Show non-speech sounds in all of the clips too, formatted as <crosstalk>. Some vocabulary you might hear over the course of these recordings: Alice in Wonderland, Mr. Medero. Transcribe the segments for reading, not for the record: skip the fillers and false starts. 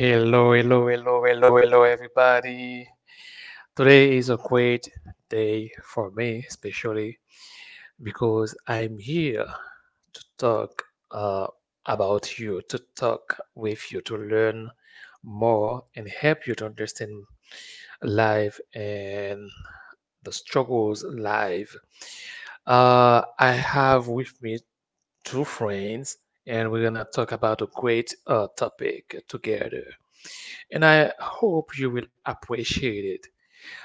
Hello, hello, hello, hello, hello, everybody. Today is a great day for me, especially because I'm here to talk uh, about you, to talk with you, to learn more and help you to understand life and the struggles life. I have with me two friends, and we're gonna talk about a great topic together. And I hope you will appreciate it.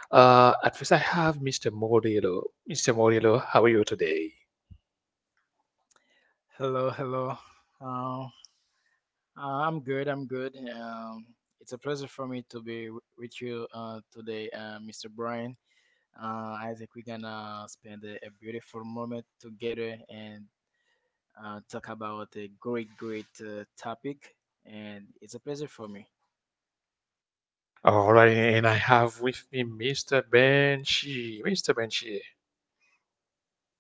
At first, I have Mr. Morillo. Mr. Morillo, how are you today? Hello, hello. Uh, uh, I'm good. I'm good. It's a pleasure for me to be with you today, Mr. Brian. Uh, I think we're gonna spend a beautiful moment together and talk about a great, great topic. And it's a pleasure for me. All right, and I have with me Mr. Banshee. Mr. Banshee,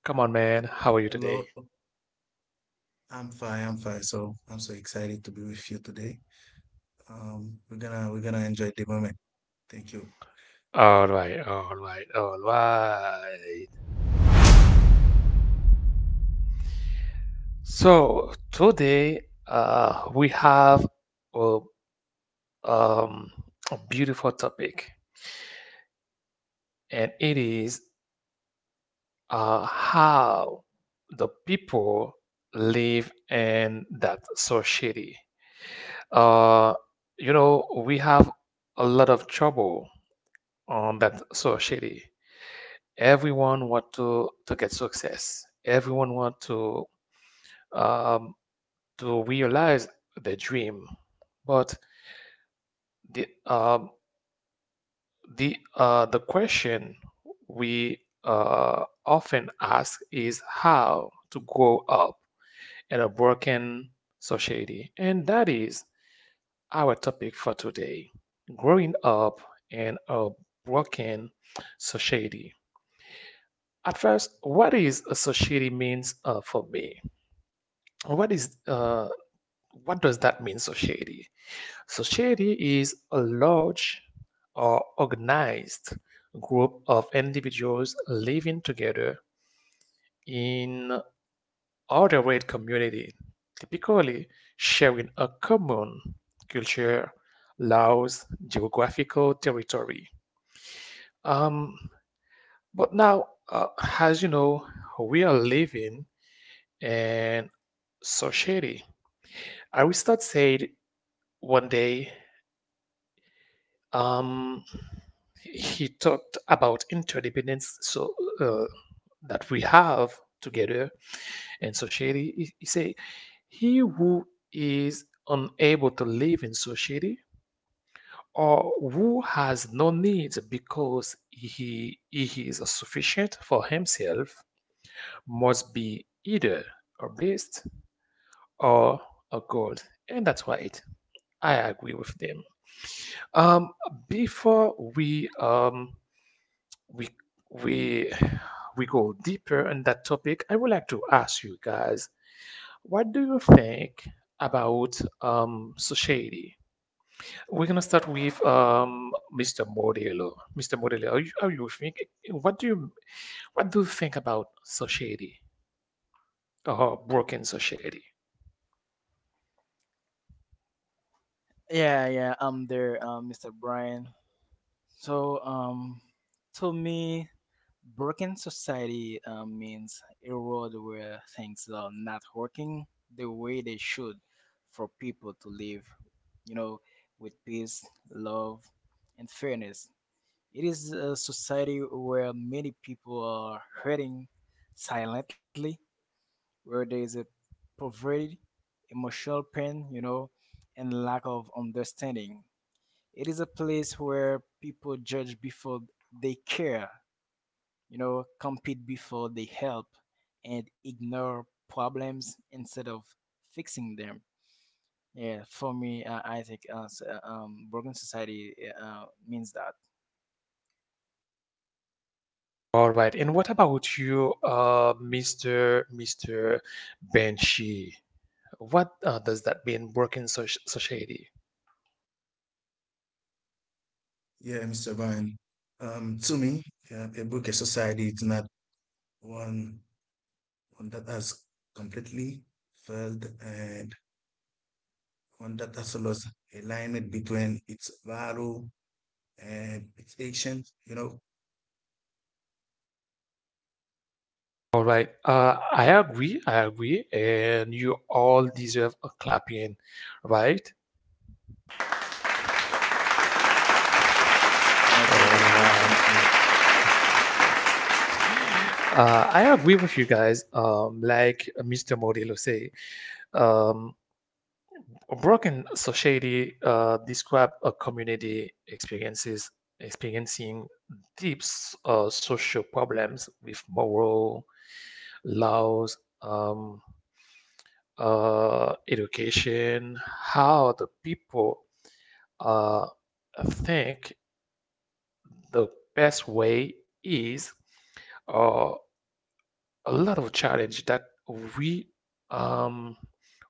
come on, man. How are you Hello, today? I'm fine. So I'm so excited to be with you today. We're gonna enjoy the moment. Thank you. All right, all right, all right. So today, we have a um, a beautiful topic, and it is how the people live in that society. Uh, you know, we have a lot of trouble on that society. Everyone want to get success. Everyone want um, to realize their dream. But the um, the question we often ask is how to grow up in a broken society. And that is our topic for today, growing up in a broken society. At first, what is a society means for me? What is uh, what does that mean, society? Society is a large or organized group of individuals living together in or a red community, typically sharing a common culture, laws, geographical territory. Um, but now, as you know, we are living in society. Aristotle said one day, um, he talked about interdependence. So, uh, that we have together in society. He say, he who is unable to live in society or who has no needs because he is sufficient for himself must be either a beast or a god. And that's right. I agree with them. Um, Before we we we go deeper on that topic, I would like to ask you guys, what do you think about society? We're gonna start with Mr. Modelo. Mr. Modelo, are you think? What do you what do you think about society or broken society? Yeah, yeah. I'm there, Mr. Brian. So, to me, broken society means a world where things are not working the way they should for people to live, you know, with peace, love, and fairness. It is a society where many people are hurting silently, where there is a poverty, emotional pain, you know, and lack of understanding. It is a place where people judge before they care, you know, compete before they help, and ignore problems instead of fixing them. Yeah, for me, I think broken society means that. All right, and what about you, Mr. Banshee? What does that mean, broken society? Yeah, Mr. Brian. To me, yeah, a book, a society is not one one that has completely failed and one that has lost alignment between its value and its action, you know? All right. I agree. I agree. And you all deserve a clapping, right? All Thank Yeah, Thank you, you, thank you. thank right. you. Thank you. I agree with you guys. Like Mr. Morillo say, um, a broken society describe a community experiences experiencing deep social problems with moral laws. Education, how the people uh, think the best way is uh, a lot of challenge that we um,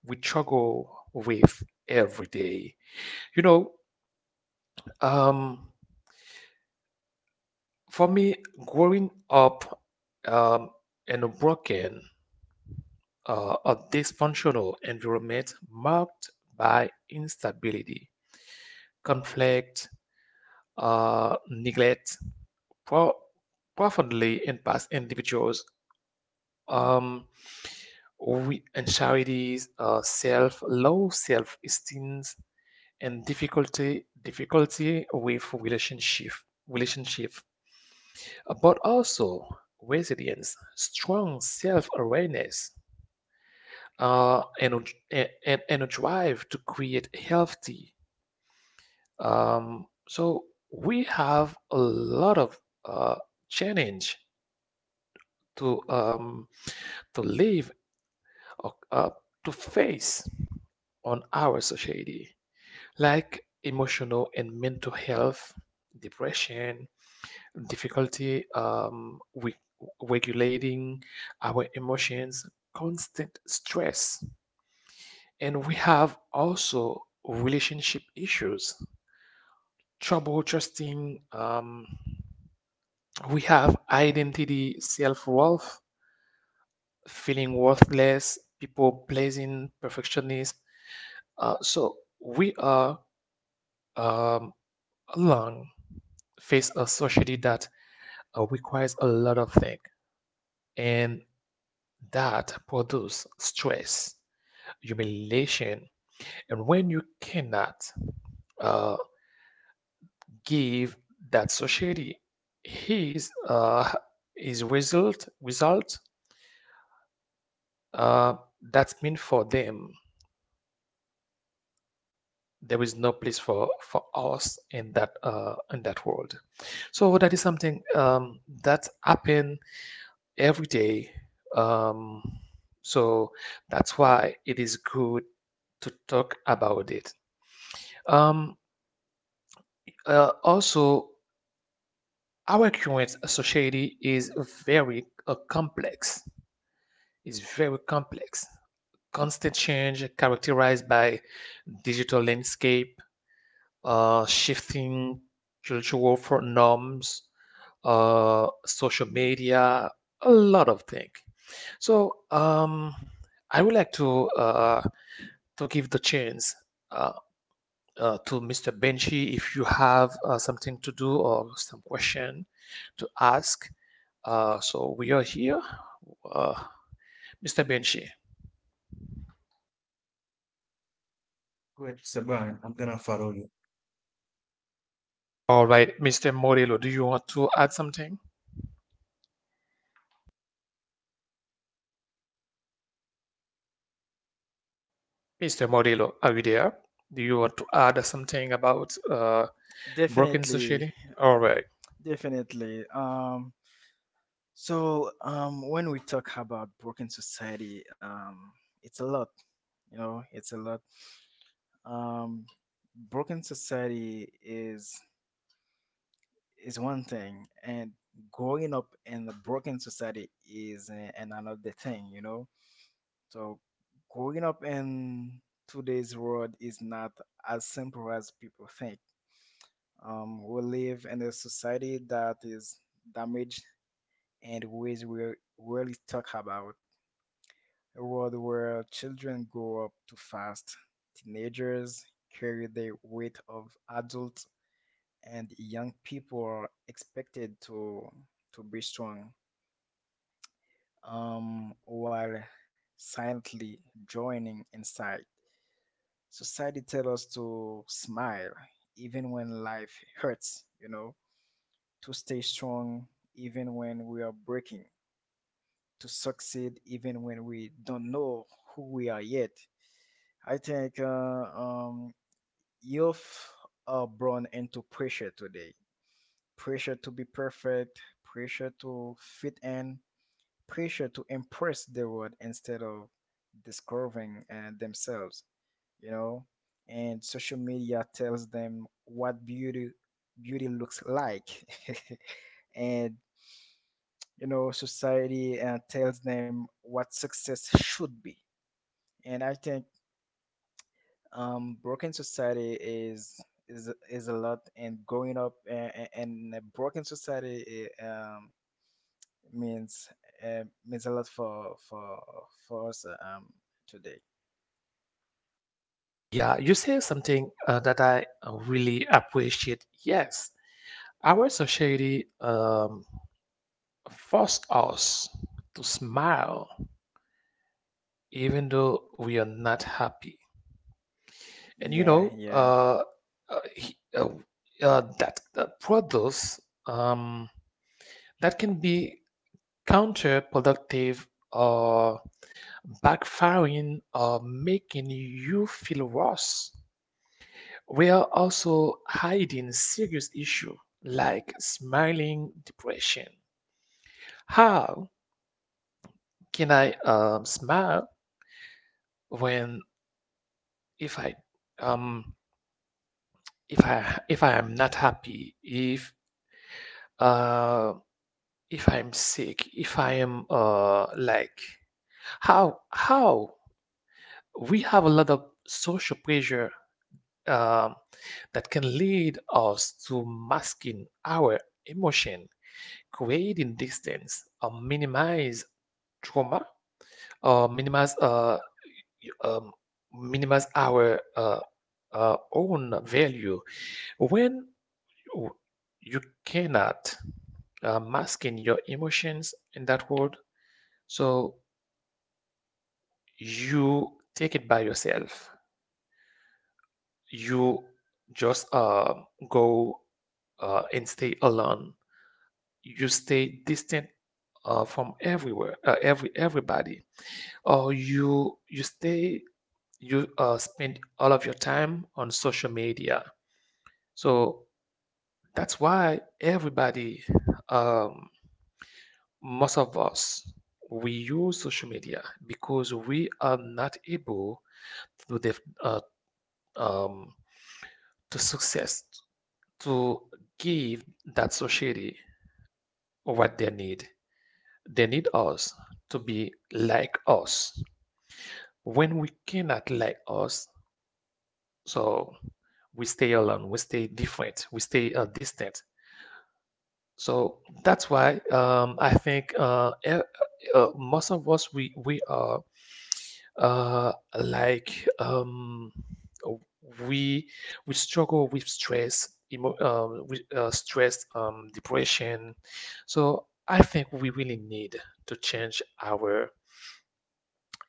we struggle with every day. You know, um, for me, growing up um, in a broken, a dysfunctional environment marked by instability, conflict, neglect pro- profoundly impacts individuals. Um, we, anxieties, self low self esteem, and difficulty with relationship, But also resilience, strong self awareness, and a drive to create healthy. So we have a lot of uh, challenge to um, to live or to face on our society, like emotional and mental health, depression, difficulty with regulating our emotions, constant stress, and we have also relationship issues, trouble trusting. We have identity, self worth, feeling worthless, people pleasing, perfectionist. So we are um, alone face a society that requires a lot of things and that produce stress, humiliation, and when you cannot uh, give that society his uh, his result uh, that's meant for them. There is no place for us in that world. So that is something that happened every day. Um, so that's why it is good to talk about it. Um, Also, our current society is very complex. It's very complex. Constant change characterized by digital landscape, shifting cultural for norms, social media, a lot of things. So, I would like to give the chance uh, to Mr. Benji if you have something to do or some question to ask. So we are here, uh, Mr. Benji. Wait, Mr. Brian, I'm gonna follow you. All right, Mr. Morillo, do you want to add something? Mr. Morillo, are you there? Do you want to add something about broken Definitely, society? All right. definitely. So when we talk about broken society, it's a lot. You know, it's a lot. Um, broken society is one thing, and growing up in a broken society is an another thing, you know. So growing up in today's world is not as simple as people think. We live in a society that is damaged and ways we rarely talk about. A world where children grow up too fast, teenagers carry the weight of adults, and young people are expected to be strong, while silently joining inside. Society tells us to smile even when life hurts, you know, to stay strong even when we are breaking, to succeed even when we don't know who we are yet. I think youth are born into pressure today, pressure to be perfect, pressure to fit in, pressure to impress the world instead of discovering themselves, you know, and social media tells them what beauty looks like, <laughs> and you know society tells them what success should be. And I think broken society is is a lot, and growing up in a broken society means means a lot for for us today. Yeah, you say something that I really appreciate. Yes, our society force us to smile even though we are not happy. And you Yeah, know, yeah, uh, he- uh, that products um, that can be counterproductive or backfiring or making you feel worse. We are also hiding serious issue like smiling depression. How can I smile when, if I um if I if I am not happy, uh, if I am sick, if I am like how we have a lot of social pressure um, that can lead us to masking our emotion, creating distance, or minimize trauma, or um, minimize our own value. When, oh, you cannot masking your emotions in that world. So you take it by yourself. You just go and stay alone. You stay distant from everywhere, everybody, or you spend all of your time on social media. So that's why everybody, um, most of us, we use social media because we are not able to def- um, to success to give that society what they need. They need us to be like us when we cannot like us, so we stay alone, we stay different, we stay distant. So that's why, I think, most of us, we are, like, we struggle with stress, depression. So I think we really need to change our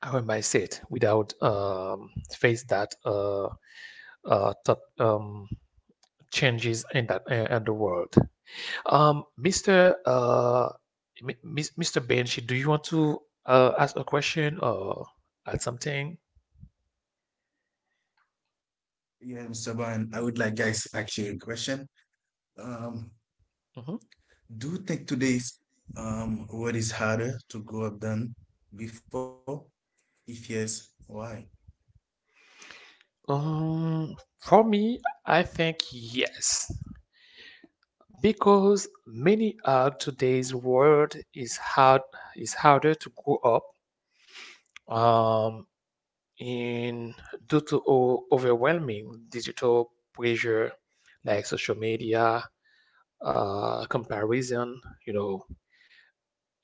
our mindset without face that top changes in that in the world. Um, Mr. Uh, Mi- Mis- Mr. Benji, do you want to ask a question or add something? Yeah, Mr. Brian, I would like guys ask you a question. Um, Mhm. Do you think today's world is harder to grow up than before? If yes, why? For me, I think yes, because many of today's world is hard, is harder to grow up um, in, due to overwhelming digital pressure like social media, comparison. You know,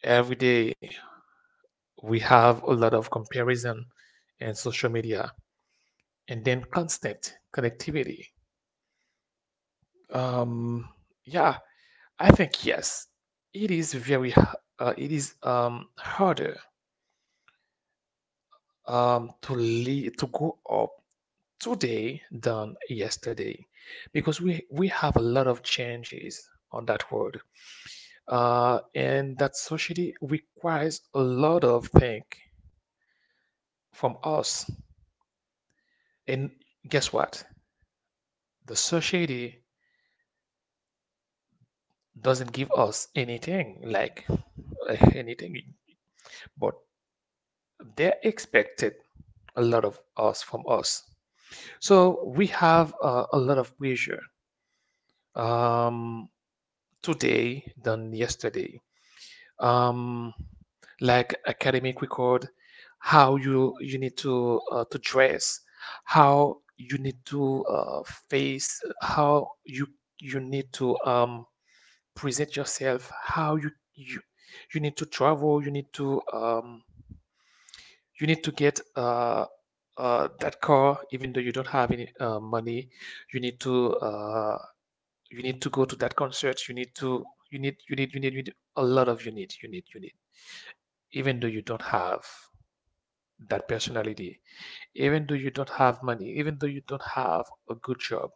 every day we have a lot of comparison in social media. And then constant connectivity. Um, yeah, I think yes, it is very h- it is harder to lead, to go up today than yesterday, because we have a lot of changes on that world and that society requires a lot of think from us. And guess what, the society doesn't give us anything, like anything, but they expected a lot of us from us. So we have a lot of pressure um, today than yesterday. Um, like, academic record, how you need to dress, how you need to face, how you need to present yourself, how you need to travel, you need to get that car, even though you don't have any money. You need to go to that concert. You need to, you need, you need, you need, you need a lot of, you need, you need, you need. Even though you don't have that personality, even though you don't have money, even though you don't have a good job,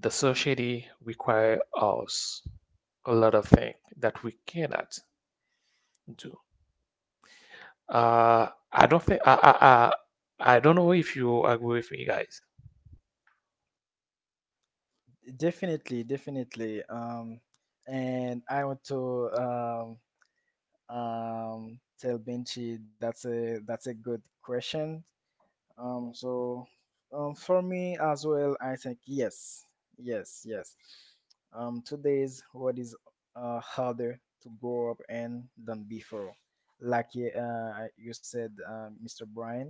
the society require us a lot of things that we cannot do. I don't think, I don't know if you agree with me, guys. definitely, definitely. And I want to tell Benchi that's a good question. So for me as well, I think yes, yes, yes. Today's world is harder to grow up in than before, like you said, Mr. Brian.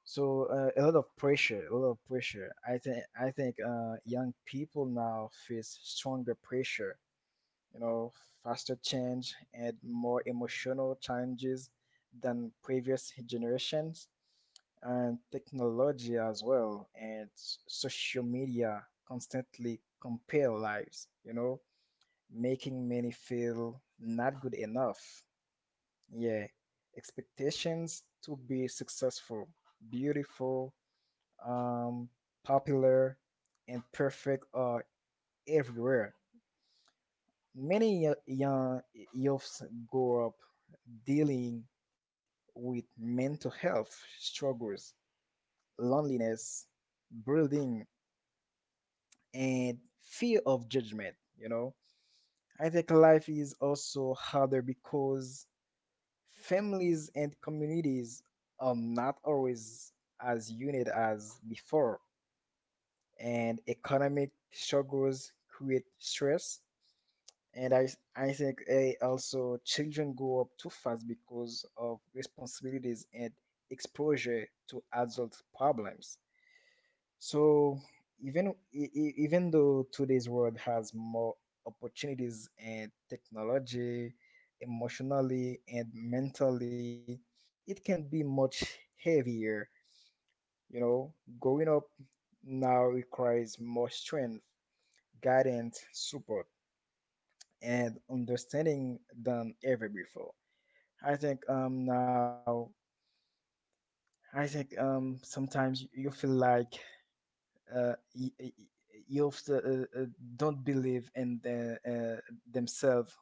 So a lot of pressure, a lot of pressure. I think young people now face stronger pressure, you know, faster change and more emotional challenges than previous generations, and technology as well, and social media constantly compare lives, you know, making many feel not good enough. Yeah, expectations to be successful, beautiful, um, popular, and perfect are everywhere. Many young youths grow up dealing with mental health struggles, loneliness, bullying, and fear of judgment. You know, I think life is also harder because families and communities are not always as united as before, and economic struggles create stress. And I, I think eh, also children grow up too fast because of responsibilities and exposure to adult problems. So even even though today's world has more opportunities and technology, emotionally and mentally, it can be much heavier. You know, growing up now requires more strength, guidance, support, and understanding than ever before. I think now I think sometimes you feel like you uh, don't believe in the, themselves.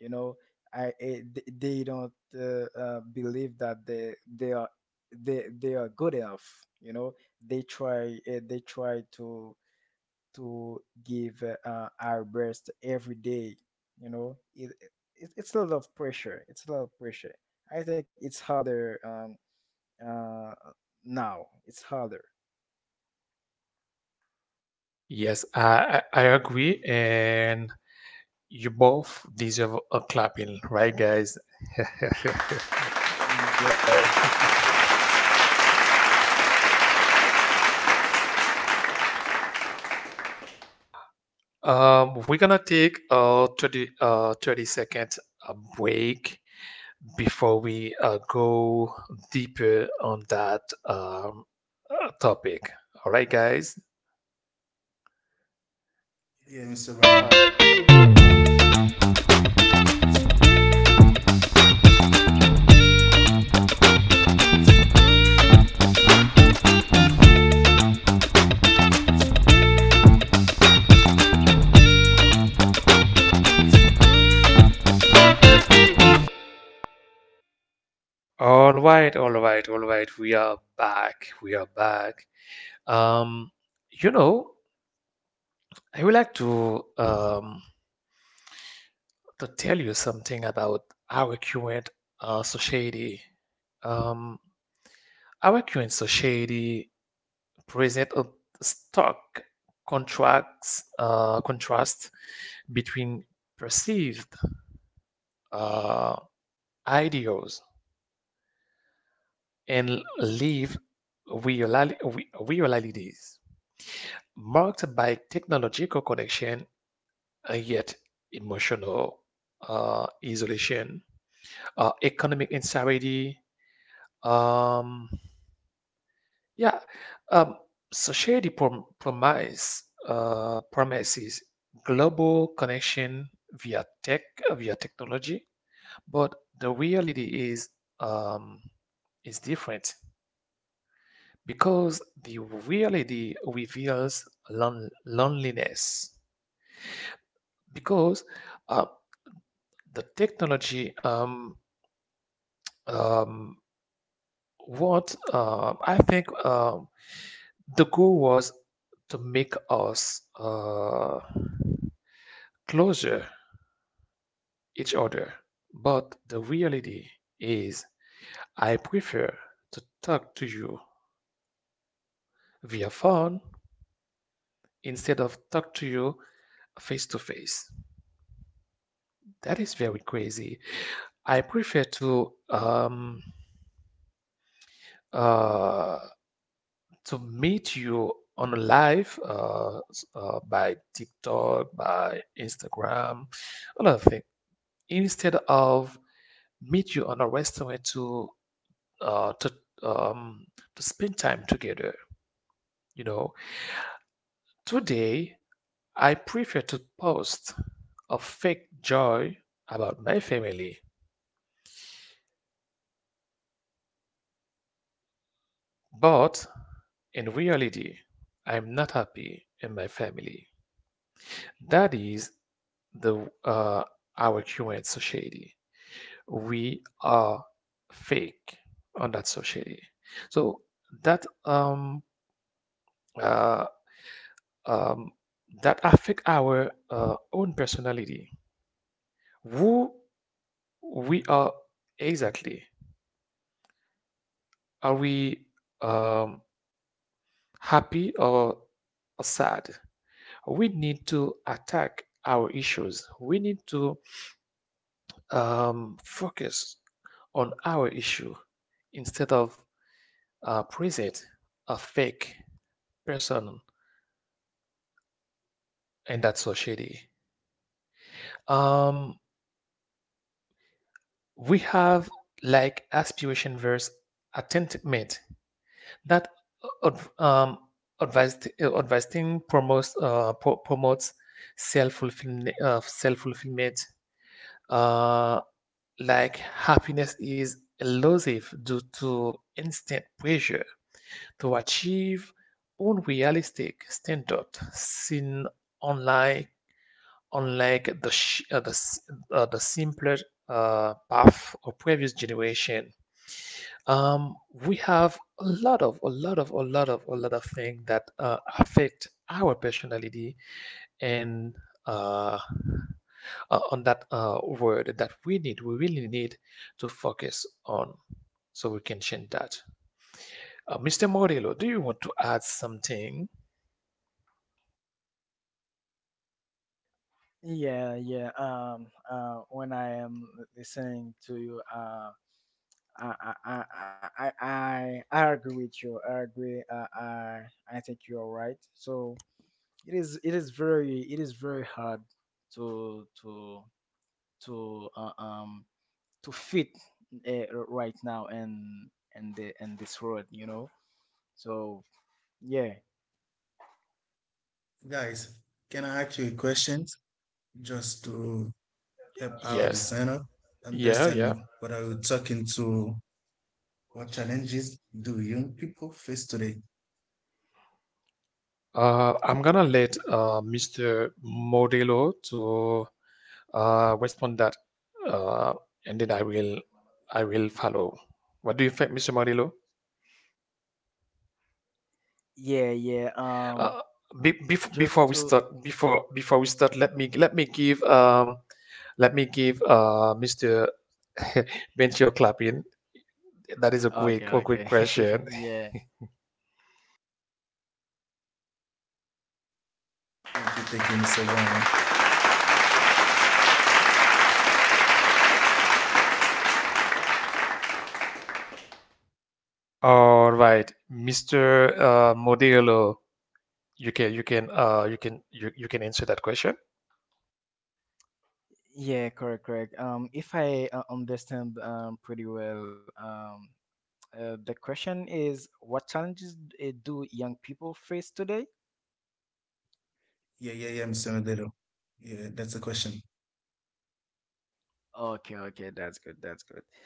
You know, I eh, they don't believe that they are they are good enough. You know, they try to give our best every day. You know, it it's a lot of pressure. It's a lot of pressure. I think it's harder uh now. It's harder. Yes, I agree, and you both deserve a clapping, right, guys? <laughs> Yeah. <laughs> We're gonna take a 30 second break before we go deeper on that topic. All right, guys. Yeah, Mr. Brian. All right, all right, all right. We are back. We are back. Um, you know, I would like to tell you something about our current society. Um, our current society present a stark contracts contrast between perceived uh, ideals and live realities, marked by technological connection and yet emotional isolation, economic insecurity. Um, yeah, um, society promises global connection via tech via technology, but the reality is, um, is different. Because the reality reveals loneliness, because uh, the technology, um, what I think the goal was to make us closer each other, but the reality is, I prefer to talk to you via phone instead of talk to you face to face. That is very crazy. I prefer uh, to meet you on live, by TikTok, by Instagram, all of things, instead of meet you on a restaurant uh, to um, to spend time together. You know, today I prefer to post a fake joy about my family, but in reality, I'm not happy in my family. That is the, our current society. We are fake on that society. So that um uh, um that affect our own personality. Who we are exactly? Are we um happy or sad? We need to attack our issues. We need to focus on our issue instead of a preset, a fake person in that society. Um, we have like aspiration versus attainment that uh, um, advised advising promotes promotes self fulfillment uh, like happiness is elusive due to instant pressure to achieve unrealistic standards seen online, unlike the the simpler path of previous generation. um, we have a lot of a lot of a lot of a lot of things that affect our personality, and uh, on that word that we really need to focus on, so we can change that. Mr. Morillo, do you want to add something? Yeah, yeah. When I am listening to you, I, I, I, I agree with you. I agree. I think you are right. So it is very hard to, to, to uh, um to fit, right now and the and this world, you know, so yeah Guys, can I ask you a question just to help our Yes. designer Yeah, yeah. understand what I we talking to? What challenges do young people face today? I'm gonna let Mr. Modelo to respond that, uh, and then I will follow. What do you think, Mr. Modelo? yeah yeah Uh, Before just we to start, before before we start, let me give Mr. <laughs> Benchio clapping. That is okay a okay quick <laughs> question. yeah <laughs> Thank you, Mr. Brian. All right, Mr. Modelo, you can answer that question. yeah correct correct if I understand pretty well the question is what challenges do young people face today. Yeah, yeah, yeah, Mr. Medero. Yeah, that's the question. Okay, okay, that's good, that's good.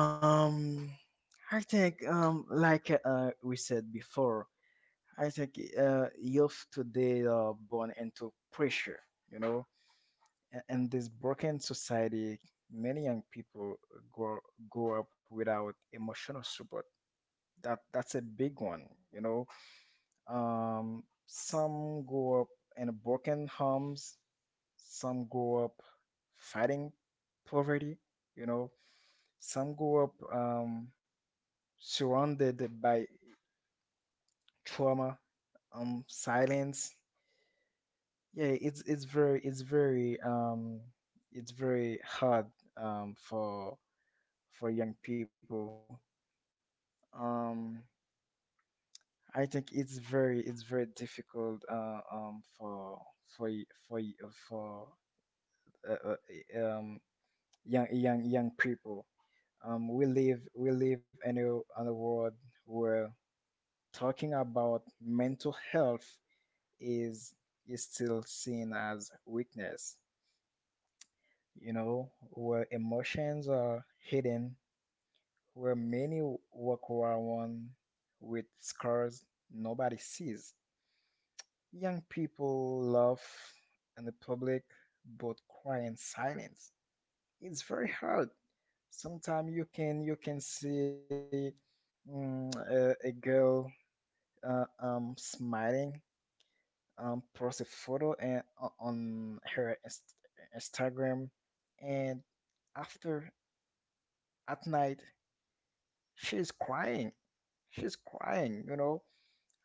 Um, I think like we said before, I think youth today are born into pressure, you know, and this broken society, many young people grow grow up without emotional support. That's a big one, you know. Um, some grow up in broken homes, some grow up fighting poverty, you know, some grow up surrounded by trauma, silence. Yeah, it's very it's very it's very hard um, for for young people. Um, I think it's very difficult for for uh, uh, eh, young people. We live in a world where talking about mental health is is still seen as weakness. You know, where emotions are hidden, where many walk around with scars nobody sees. Young people laugh in the public, but cry in silence. It's very hard. Sometimes you can see mm, a girl smiling, um, post a photo and on her Instagram, and after at night she's crying she's crying, you know.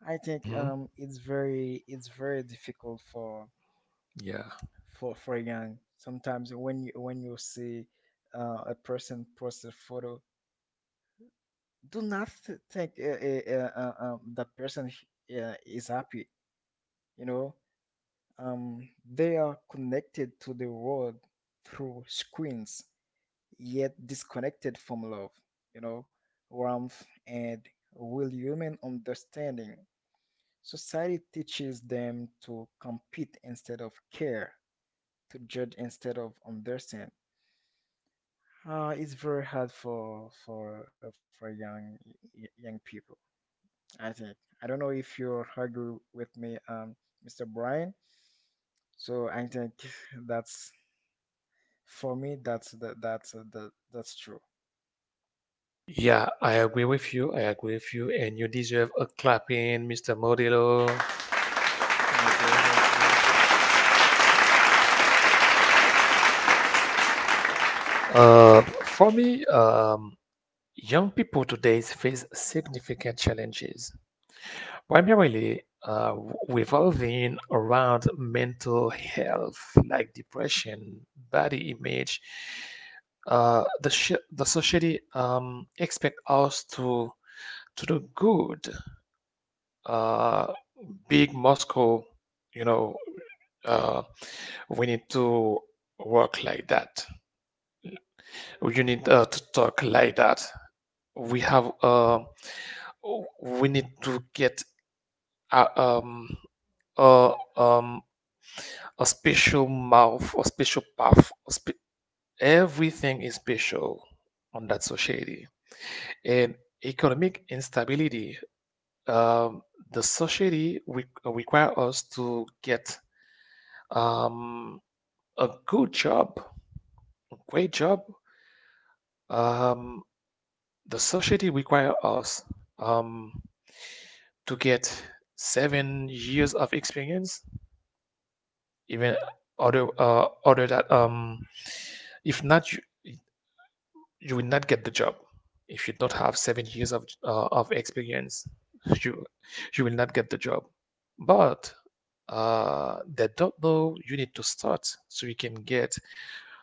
I think Mhm. It's very difficult for Yeah. For young, sometimes when you see a person post a photo, do not think that person is happy, you know. Um, they are connected to the world through screens yet disconnected from love, you know, warmth, and real human understanding. Society teaches them to compete instead of care, to judge instead of understand. Uh, it's very hard for young young people, Isaac, I don't know if you agree with me, Mr. Brian. So I think <laughs> that's for me. That's the, that's true. Yeah, I agree with you. I agree with you, and you deserve a clapping, Mr. Modelo. Thank you, thank you. For me, young people today face significant challenges, primarily revolving around mental health, like depression, body image. The society expect us to do good. Uh, Big Moscow, you know, uh, we need to work like that. You need to talk like that. We have uh, we need to get uh, um, uh, um, a special mouth, a special path. Everything is special on that society. And economic instability, um, the require us to get um, a good job, a great job. Um, the society require us um, to get 7 years of experience, even other that if not, you you will not get the job if you don't have 7 years of experience. you you will not get the job, but they don't know you need to start so you can get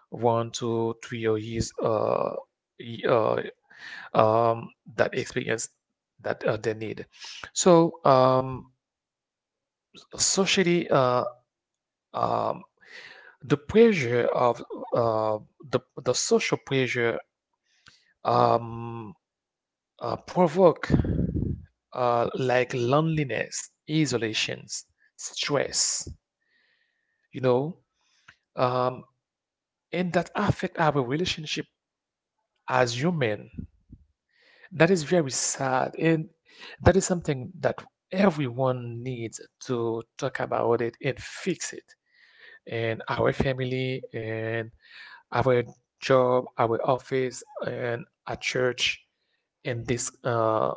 one, two, three, or years uh, um, that experience that they need. So socially um, the pressure of uh, the social pressure um, provoke like loneliness, isolations, stress, you know, um, and that affect our relationship as human. That is very sad, and that is something that everyone needs to talk about it and fix it. And our family, and our job, our office, and our church, and this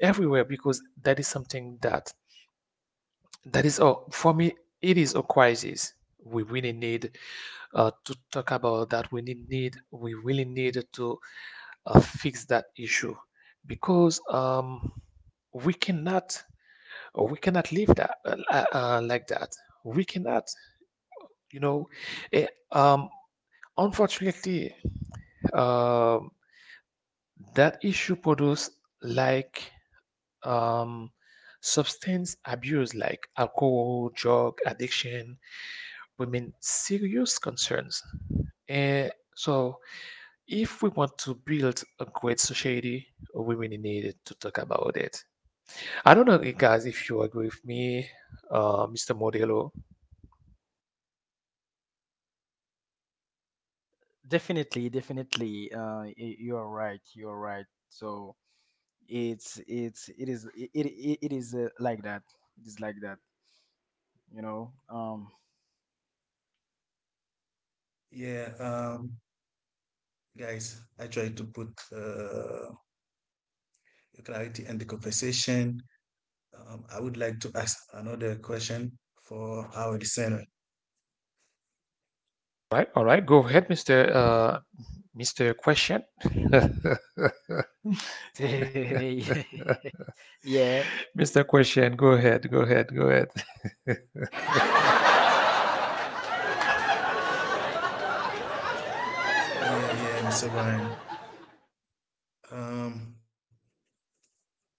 everywhere, because that is something that... That is all for me. It is a crisis. We really need to talk about that. We really need to fix that issue because we cannot we cannot live that like that. We cannot, you know. eh, um, Unfortunately, um that issue produce like um, substance abuse, like alcohol, drug addiction, women serious concerns. And so, if we want to build a great society, we really need to talk about it. I don't know, guys, if you agree with me, Mr. Modelo. Definitely, definitely. You are right. You are right. So it is it is like that. It is like that. You know. Yeah, um, guys, I try to put uh, clarity in the conversation. I would like to ask another question for our listener. Right, all right, go ahead, Mr. Mr. Question. <laughs> <laughs> yeah. Yeah. Mr. Question, go ahead, go ahead, go ahead. Yeah, yeah, Mr. Brian. <laughs> Um,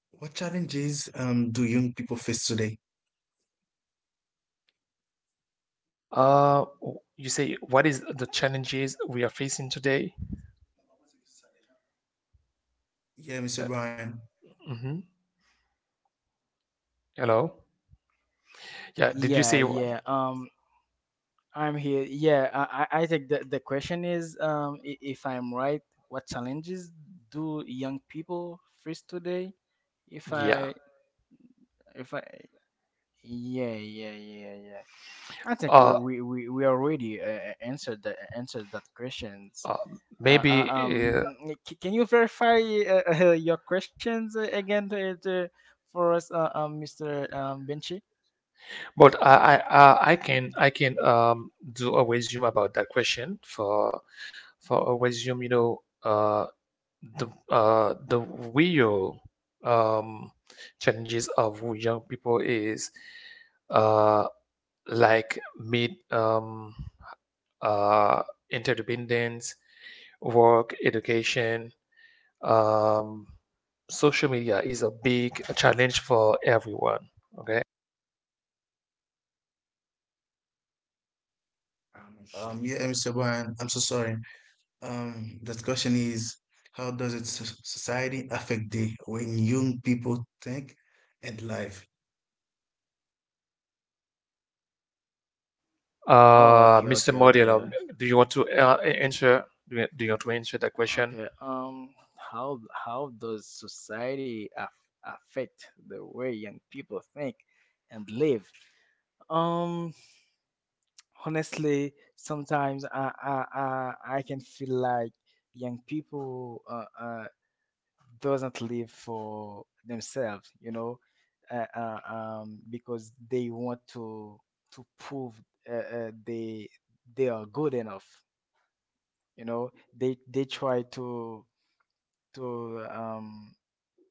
what challenges do young people face today? You say what is the challenges we are facing today? Yeah, Mr. Uh, Brian. mhm. Hello. Yeah. Did you say? Yeah. I'm here. Yeah, I think the question is, if I'm right, what challenges do young people face today? If Yeah. I, if I, yeah, yeah, yeah, yeah. I think Uh, we already answered the answered that questions. uh Uh, uh, Maybe. Uh, um, c- can you verify <laughs> your questions again to, for us, Mr. Benchi? but I can do a resume about that question for a resume. You know, the real um challenges of young people is uh like mid uh interdependence, work, education, um, social media is a big challenge for everyone. Okay. Yeah, Mr. Brian. I'm so sorry. That question is, how does society affect the when young people think and life? Oh, okay, Mr. okay, Modiello, okay. do you want to answer? Do you want to answer that question? Okay. How how does society affect the way young people think and live? Um. Honestly, sometimes I can feel like young people doesn't live for themselves. You know, um, because they want to prove uh, uh, they they are good enough. You know, they try to um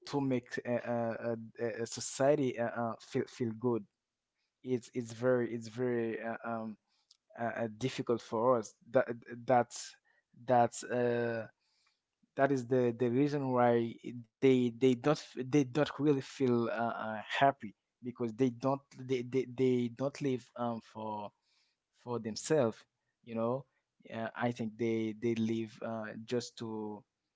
to make a society feel good. It's it's very difficult for us. That's that's uh, that is the reason why they don't they don't really feel happy, because they don't they don't live for themselves, you know. Uh, I think they live just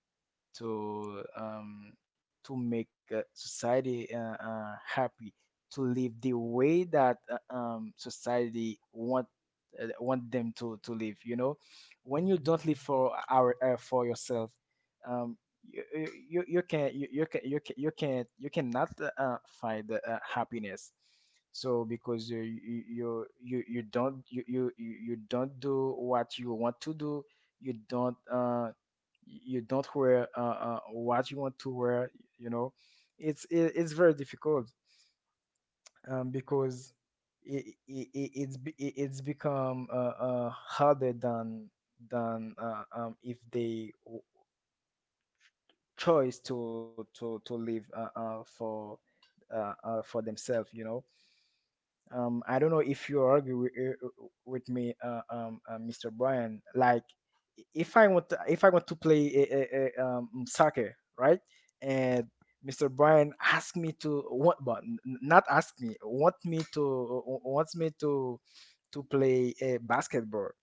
to um, to make a society happy, to live the way that society want them to live. You know, when you don't live for our for yourself, um, you you you can you, you can you can you can you cannot find happiness. So because you you don't you you don't do what you want to do, you don't uh you don't wear what you want to wear, you know. It's it's very difficult because it- it's it- it's become harder than if they choice to live for themselves, you know. Um, I don't know if you argue with me Mr. Brian. Like if I want, if I want to play soccer, right? And Mr. Brian asked me to want, but not ask me, wants me to play a basketball,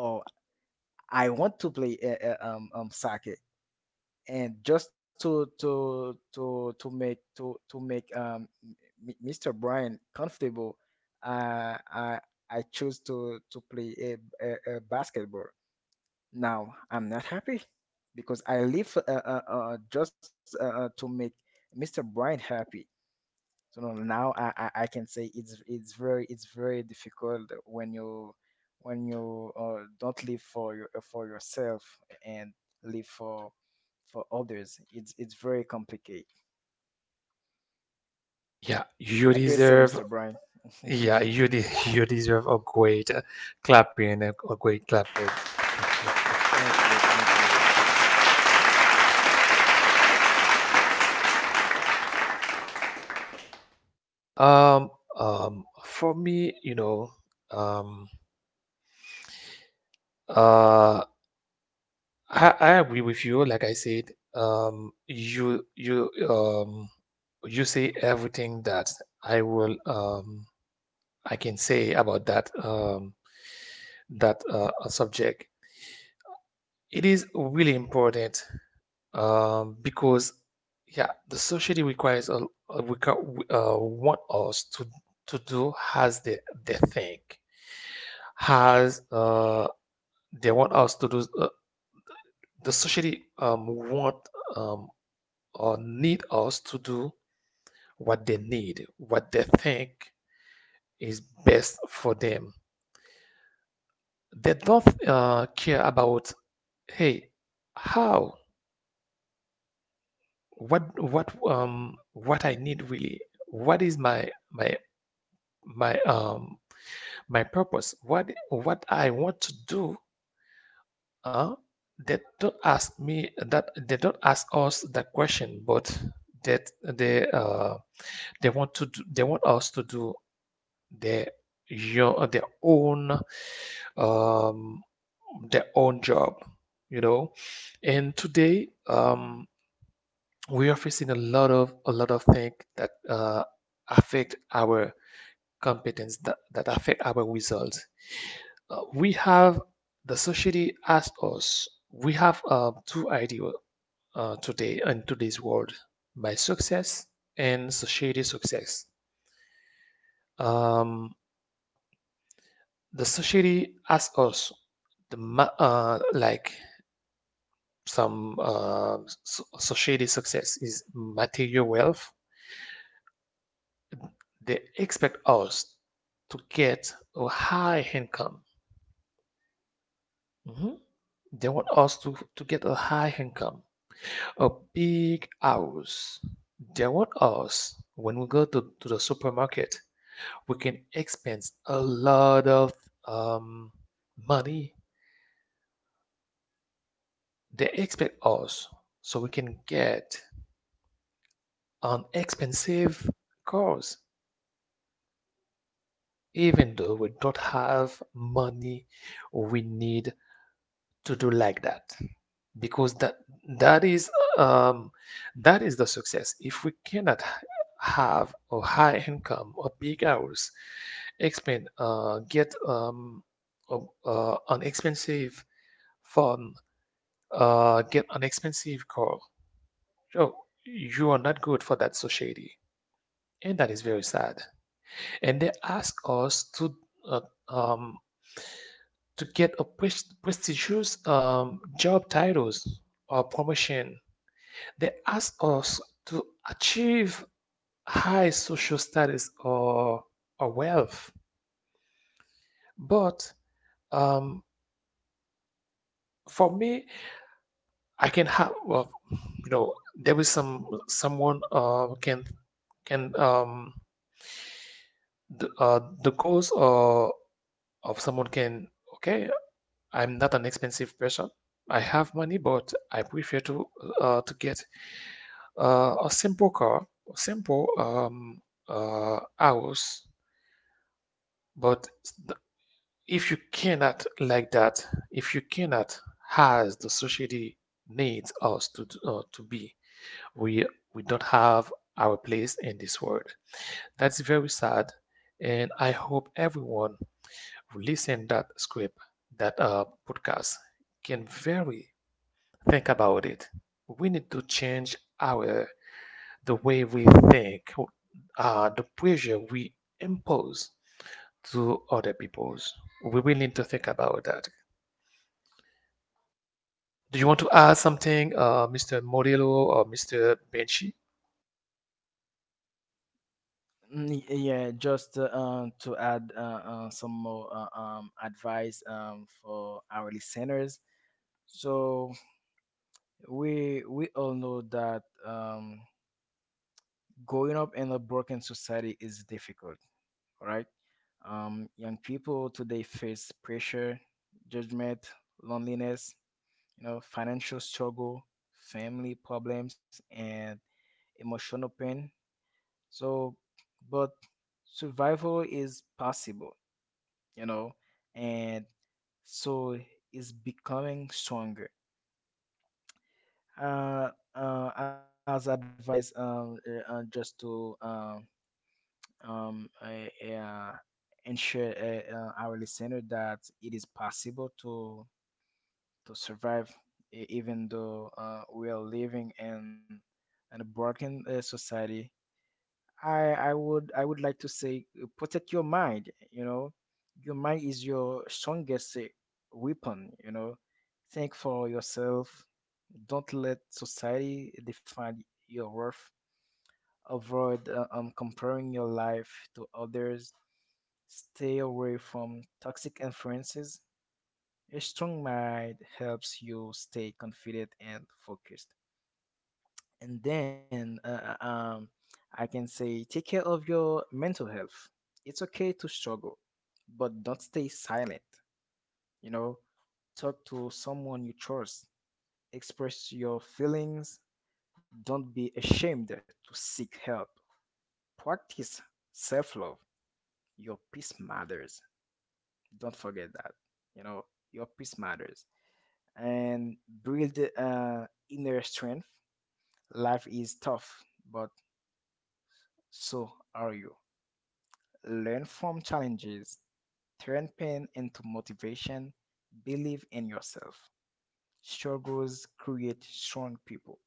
or I want to play soccer, and just to make Mr. Brian comfortable. I I choose to play a basketball. Now I'm not happy because I live just to make Mr. Brian happy. So no, now I can say it's very difficult when you don't live for for yourself and live for others. It's very complicated. Yeah, you I do say, deserve. Mr. Brian. Yeah, you de <laughs> you deserve a great clapping, a great clapping. <laughs> Thank you, thank you. Um, for me, you know, um, uh, I agree with you. Like I said, um, you you um you say everything that I will um, I can say about that that subject. It is really important, because yeah, the society requires a want us to do as they think has they want us to do the society want um, or need us to do what they need what they think is best for them. They don't care about, hey, how, what I need really, what is my my purpose, what I want to do, huh? They don't ask me that. They don't ask us that question, but that they want to do, they want us to do their their own um, their own job, you know. And today, we are facing a lot of things that affect our competence that affect our results. We have the society as us, we have two ideas today in today's world by success and society success um, The society asks us, like some society success is material wealth. They expect us to get a high income. Mhm. They want us to get a high income, a big house. They want us when we go to the supermarket, we can expense a lot of um, money. They expect us so we can get an expensive course. Even though we don't have money, we need to do like that because that is um, that is the success. If we cannot have a high income, a big house, expend get a, an expensive phone, get an expensive car, so you are not good for that society, and that is very sad. And they ask us uh, um, to get a prestigious job titles or promotion. They ask us to achieve high social status or wealth. But um, for me, I can have well, you know there is someone can, the goals of someone can... okay, I'm not an expensive person. I have money, but I prefer to get a simple car, a simple house. But if you cannot like that, if you cannot, as the society needs us to be, we we don't have our place in this world. That's very sad, and I hope everyone who listen that script, that podcast, can very... Think about it. We need to change our the way we think, the pressure we impose to other peoples. We will need to think about that. Do you want to add something, Mr. Modelo or Mr. Benchi? Yeah, just to add some more advice for our listeners. So we all know that growing up in a broken society is difficult, right? Young people today face pressure, judgment, loneliness, you know, financial struggle, family problems, and emotional pain. So, but survival is possible, you know, and so it's becoming stronger. Uh, as advice, just to um, uh, uh, ensure our listener that it is possible to survive, even though we are living in a broken society. I would like to say, protect your mind. You know, your mind is your strongest weapon. You know, think for yourself. Don't let society define your worth. Avoid comparing your life to others. Stay away from toxic influences. A strong mind helps you stay confident and focused. And then I can say, take care of your mental health. It's okay to struggle, but don't stay silent. You know, talk to someone you trust, express your feelings, don't be ashamed to seek help. Practice self love. Your peace matters. Don't forget that. You know, your peace matters. And build inner strength. Life is tough, but so are you. Learn from challenges, turn pain into motivation, believe in yourself. Struggles create strong people.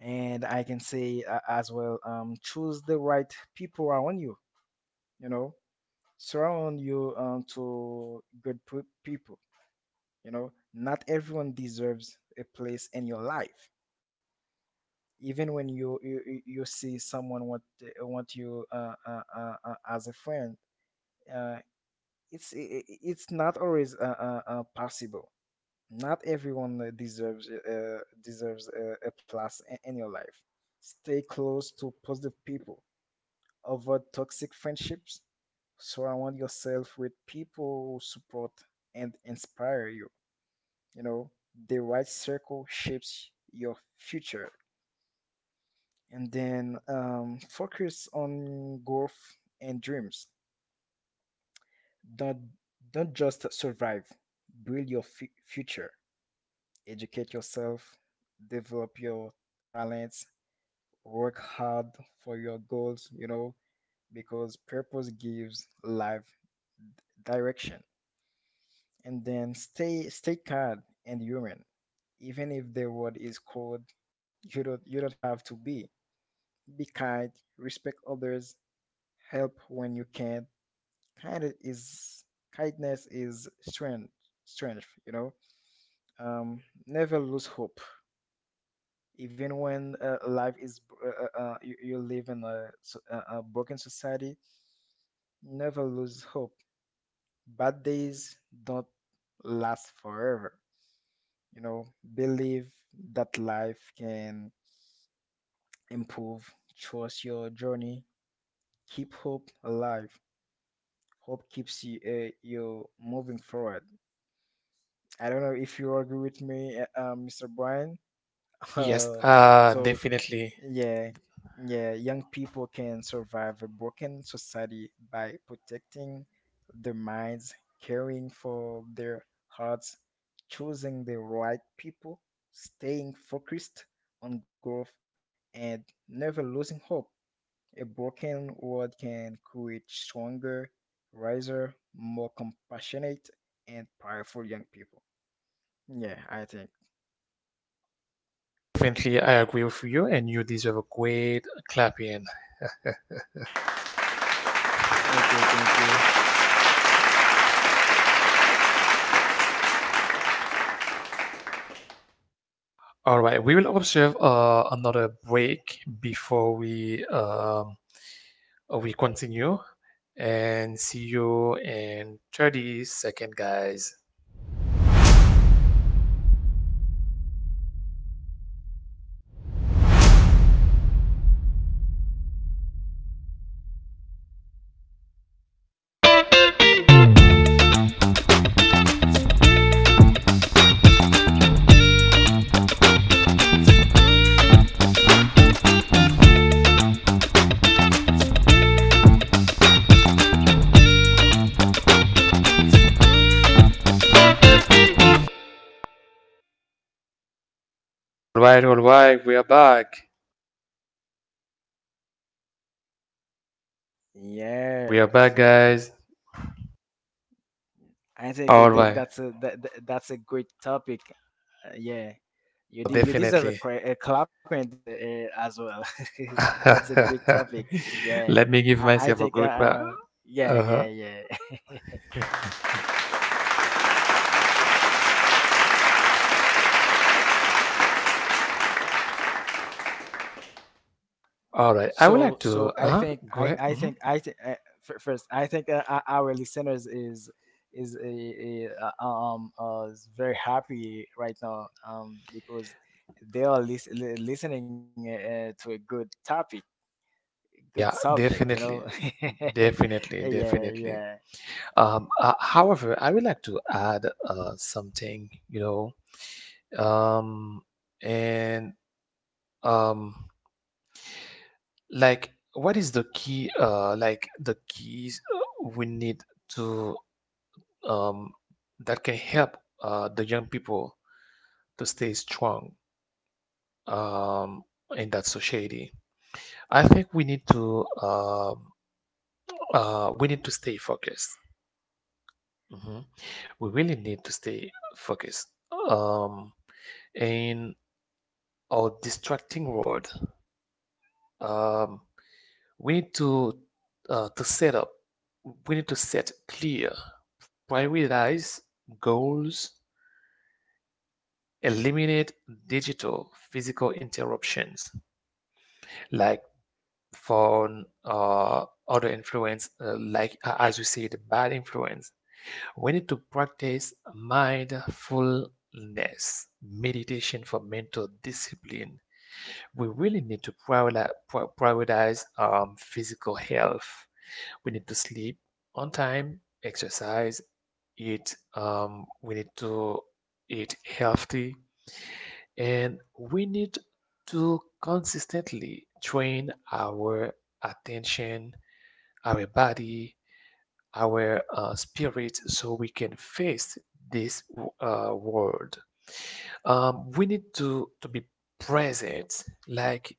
And I can say, as well, choose the right people around you, you know, surround you, to good people, you know. Not everyone deserves a place in your life. Even when you see someone want you as a friend, uh, it's not always possible. Not everyone deserves deserves a plus in your life. Stay close to positive people. Avoid toxic friendships. Surround yourself with people who support and inspire you. You know, the right circle shapes your future. And then, focus on growth and dreams. Don't don't just survive. Build your future. Educate yourself, develop your talents, work hard for your goals, you know, because purpose gives life direction. And then, stay kind and human. Even if the world is cold, you don't have to be. Be kind, respect others, help when you can. Kind is kindness is strength, you know. Um Never lose hope. Even when you, you live in a, a broken society, never lose hope. Bad days don't last forever, you know. Believe that life can improve, trust your journey, keep hope alive. Hope keeps you moving forward. I don't know if you agree with me, Mr. Brian. <laughs> Yes, uh, so definitely. Yeah, yeah, young people can survive a broken society by protecting their minds, caring for their hearts, choosing the right people, staying focused on growth, and never losing hope. A broken world can create stronger, wiser, more compassionate, and powerful young people. Yeah, I think. Definitely, I agree with you, and you deserve a great clapping. Thank you, thank you. All right, we will observe another break before we continue, and see you in 30 seconds, guys. Alright, alright, we are back. Yeah. We are back, guys. I think Alright. that's that's a great topic. Yeah, you deserve a, Definitely. A clap and, as well. <laughs> That's a great <laughs> topic. Yeah, Let me give I myself a think. Good clap. Yeah, Uh-huh. yeah, yeah. <laughs> <laughs> Alright, so I would so like to I go think ahead. I Mhm. th- f- First I think, our listeners is is very happy right now, because they are listening to a good topic, good Yeah, subject, you know. definitely. <laughs> Yeah, Definitely, yeah, definitely. However, I would like to add something, you know, um, and um, like what is the key like the keys we need to um, that can help the young people to stay strong, um, in that society. I think we need to stay focused. Hmm. We really need to stay focused, um, in our distracting world. Um, we need to set up. We need to set clear, prioritize goals, eliminate digital physical interruptions like for other influence, like as you said, bad influence. We need to practice mindfulness, meditation for mental discipline. We really need to prioritize physical health. We need to sleep on time, exercise, eat. We need to eat healthy, and we need to consistently train our attention, our body, our spirit, so we can face this world. We need to be present, like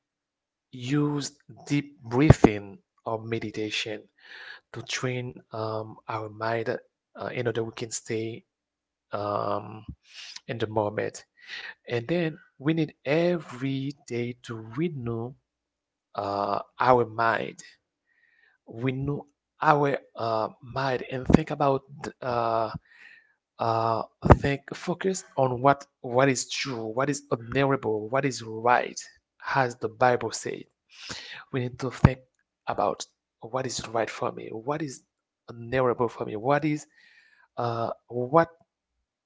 use deep breathing or meditation to train our mind in order we can stay um, in the moment. And then we need every day to renew our mind, renew our mind, and think about uh, uh, think focused on what is true, what is honorable, what is right, as the Bible said. We need to think about what is right for me, what is honorable for me, uh, what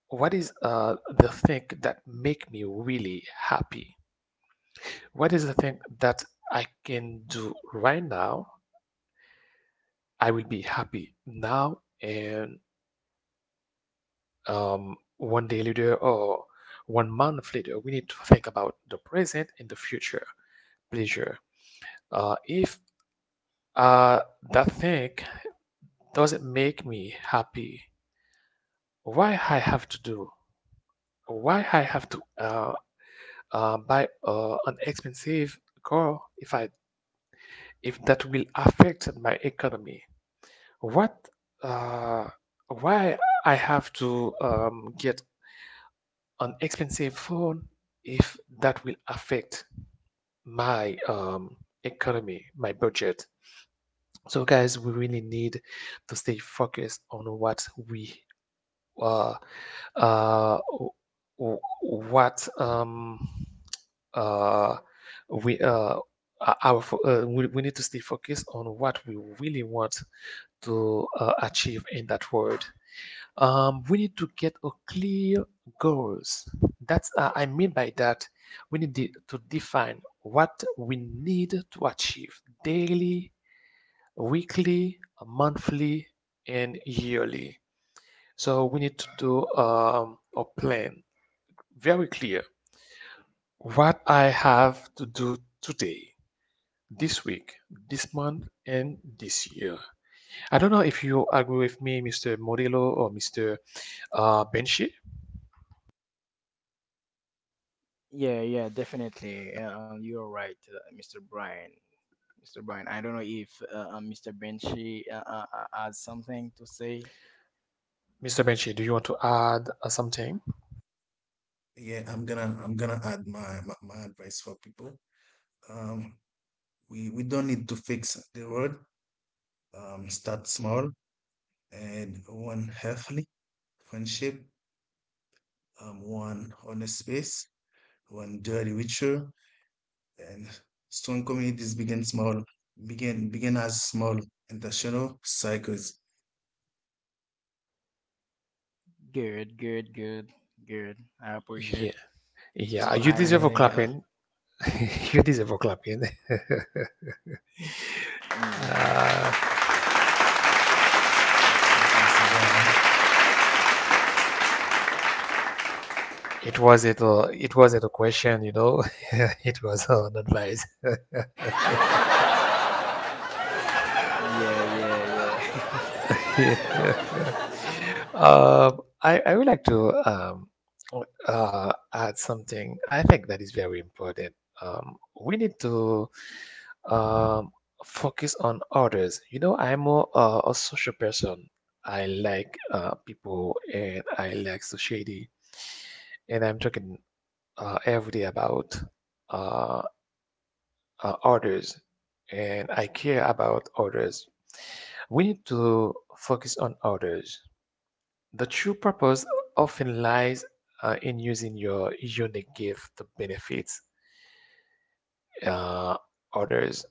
what is the thing that make me really happy? What is the thing that I can do right now? I will be happy now and 1 day later or 1 month later. We need to think about the present and the future pleasure. If uh, that thing doesn't make me happy, why I have to do? Why I have to buy an expensive car if that will affect my economy? What? Uh, why I have to get an expensive phone if that will affect my economy, my budget. So guys, we really need to stay focused on uh uh what uh we our we need to stay focused on what we really want to achieve in that world. We need to get a clear goals. That's I mean by that. We need to define what we need to achieve daily, weekly, monthly, and yearly. So we need to do a plan very clear. What I have to do today, this week, this month, and this year. I don't know if you agree with me, Mr. Modelo or Mr. Benchi. yeah. Definitely, you're right, Mr. Brian. Mr. Brian, I don't know if Mr. Benchy has something to say. Mr. Benchi, do you want to add something? Yeah, I'm gonna add my advice for people. Um, we don't need to fix the world. Start small, and one healthy friendship, one honest space, one dirty ritual, and strong communities begin small, begin as small intentional cycles. Good, good, good, good. I appreciate. Yeah, yeah. So You So I I deserve a think, think, clapping. <laughs> You deserve a clapping. <laughs> Yeah, Uh, yeah, thank you, Mr. Brian. it. It was a question. <laughs> It was an advice. <laughs> yeah. <laughs> <laughs> Yeah, yeah, yeah. I would like to add something I think that is very important. We need to um, focus on others. You know, I'm a social person. I like people and I like society. And I'm talking every day about uh, orders and I care about orders. We need to focus on orders. The true purpose often lies in using your unique gift to benefit uh, others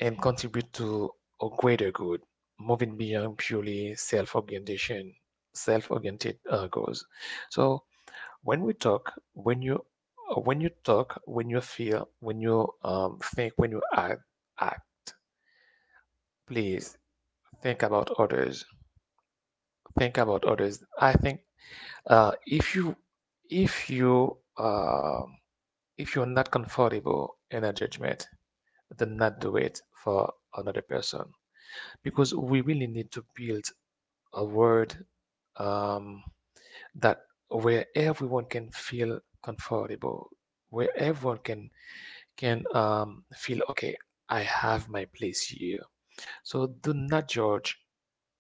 and contribute to a greater good, moving beyond purely self-orientation, self-oriented goals. So when we talk, when you talk, when you feel, when you think, when you act, act, please think about others, think about others. I think if you if you're not comfortable in a judgment, then not do it for another person, because we really need to build a world, um, that where everyone can feel comfortable, where everyone can feel okay. I have my place here. So do not judge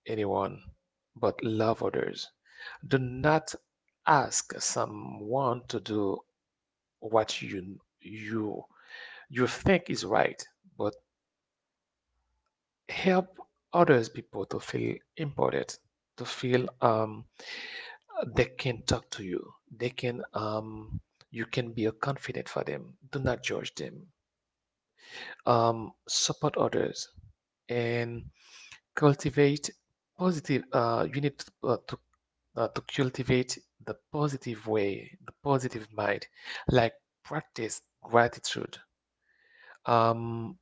anyone, but love others. Do not ask someone to do what you think is right, but help others people to feel important, to feel they can talk to you, they can you can be a confidant for them. Do not judge them. Support others and cultivate positive you need to cultivate the positive way, the positive mind, like practice gratitude, um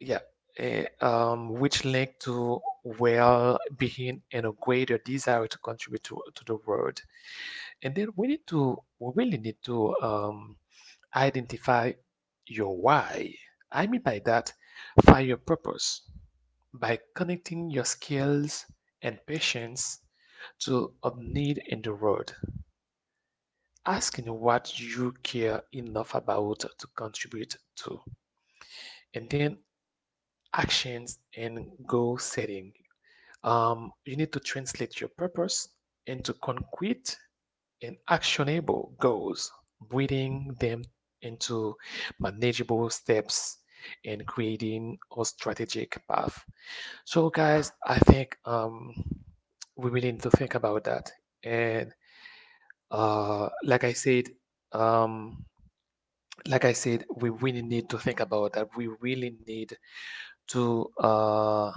yeah which link to well-being and a greater desire to contribute to the world. And then we really need to identify your why. I mean by that, find your purpose by connecting your skills and passions to a need in the world, asking what you care enough about to contribute to, and then actions and goal setting. You need to translate your purpose into concrete and actionable goals, breathing them into manageable steps and creating a strategic path. So, guys, I think we really need to think about that. And like I said, um, we really need to think about that. We really need to uh,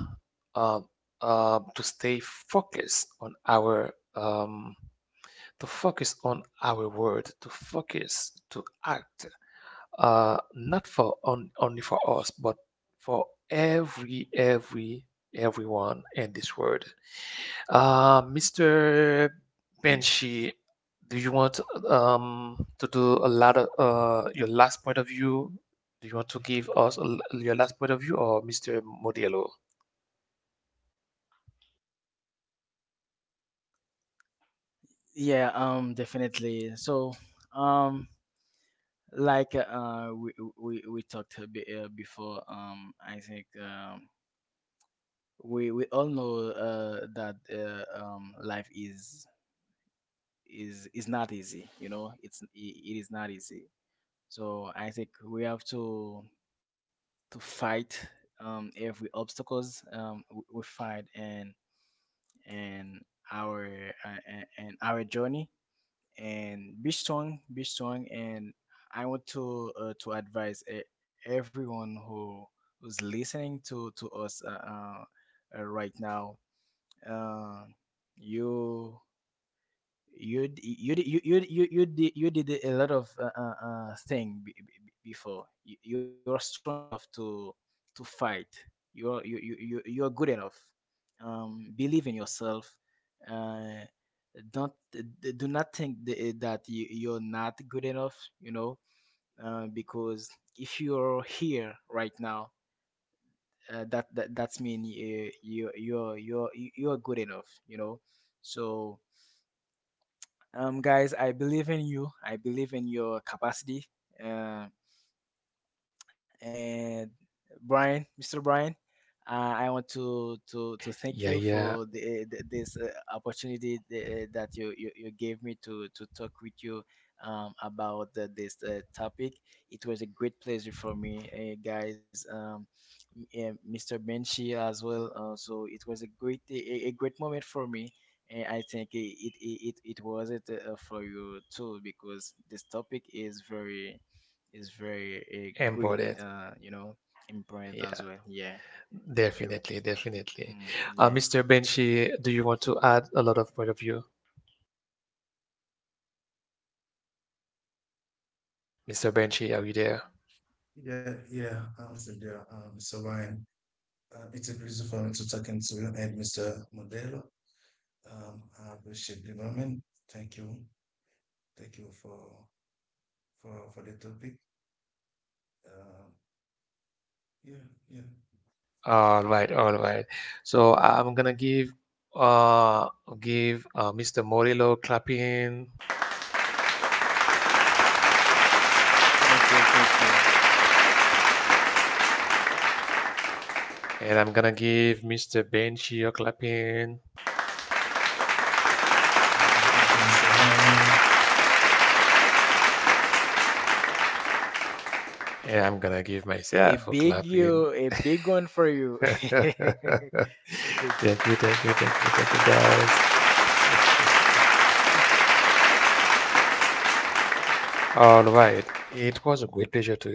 uh, to stay focused on our to focus on our word, to focus, to act, not for on, only for us, but for every everyone in this world. Mr. Benshi, do you want to do a lot of your last point of view? Do you want to give us a l your last point of view, or Mr. Modelo? Yeah, yeah, important. Yeah, definitely, definitely. Mr. Benshi, do you want to add a lot of point of view? Mr. Banshee, are you there? Yeah, yeah, I'm still there, Mr. Brian. It's a pleasure for me to talk to you and Mr. Modelo. Um, I appreciate the moment. Thank you, thank you for for the topic. Um, yeah, yeah. All right, all right. So I'm gonna give uh Mr. Morillo clapping, and I'm gonna give Mr. Banshee a clapping, Thank you, Mr. Brian. and I'm gonna give myself a clapping. <laughs> Thank you, thank you, thank you, thank you, guys. All right. It was a great pleasure to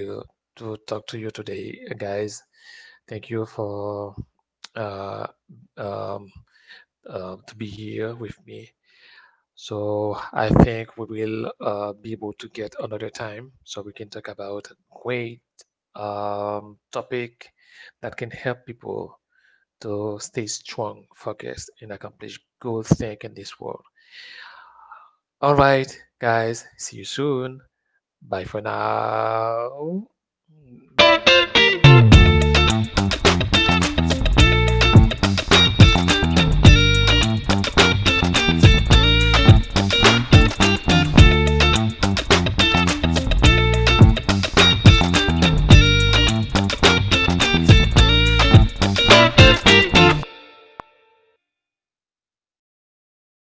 talk to you today, guys. Thank you for uh, um, to be here with me. So I think we will be able to get another time so we can talk about great topic that can help people to stay strong, focused, and accomplish good things in this world. All right, guys. See you soon. Bye for now.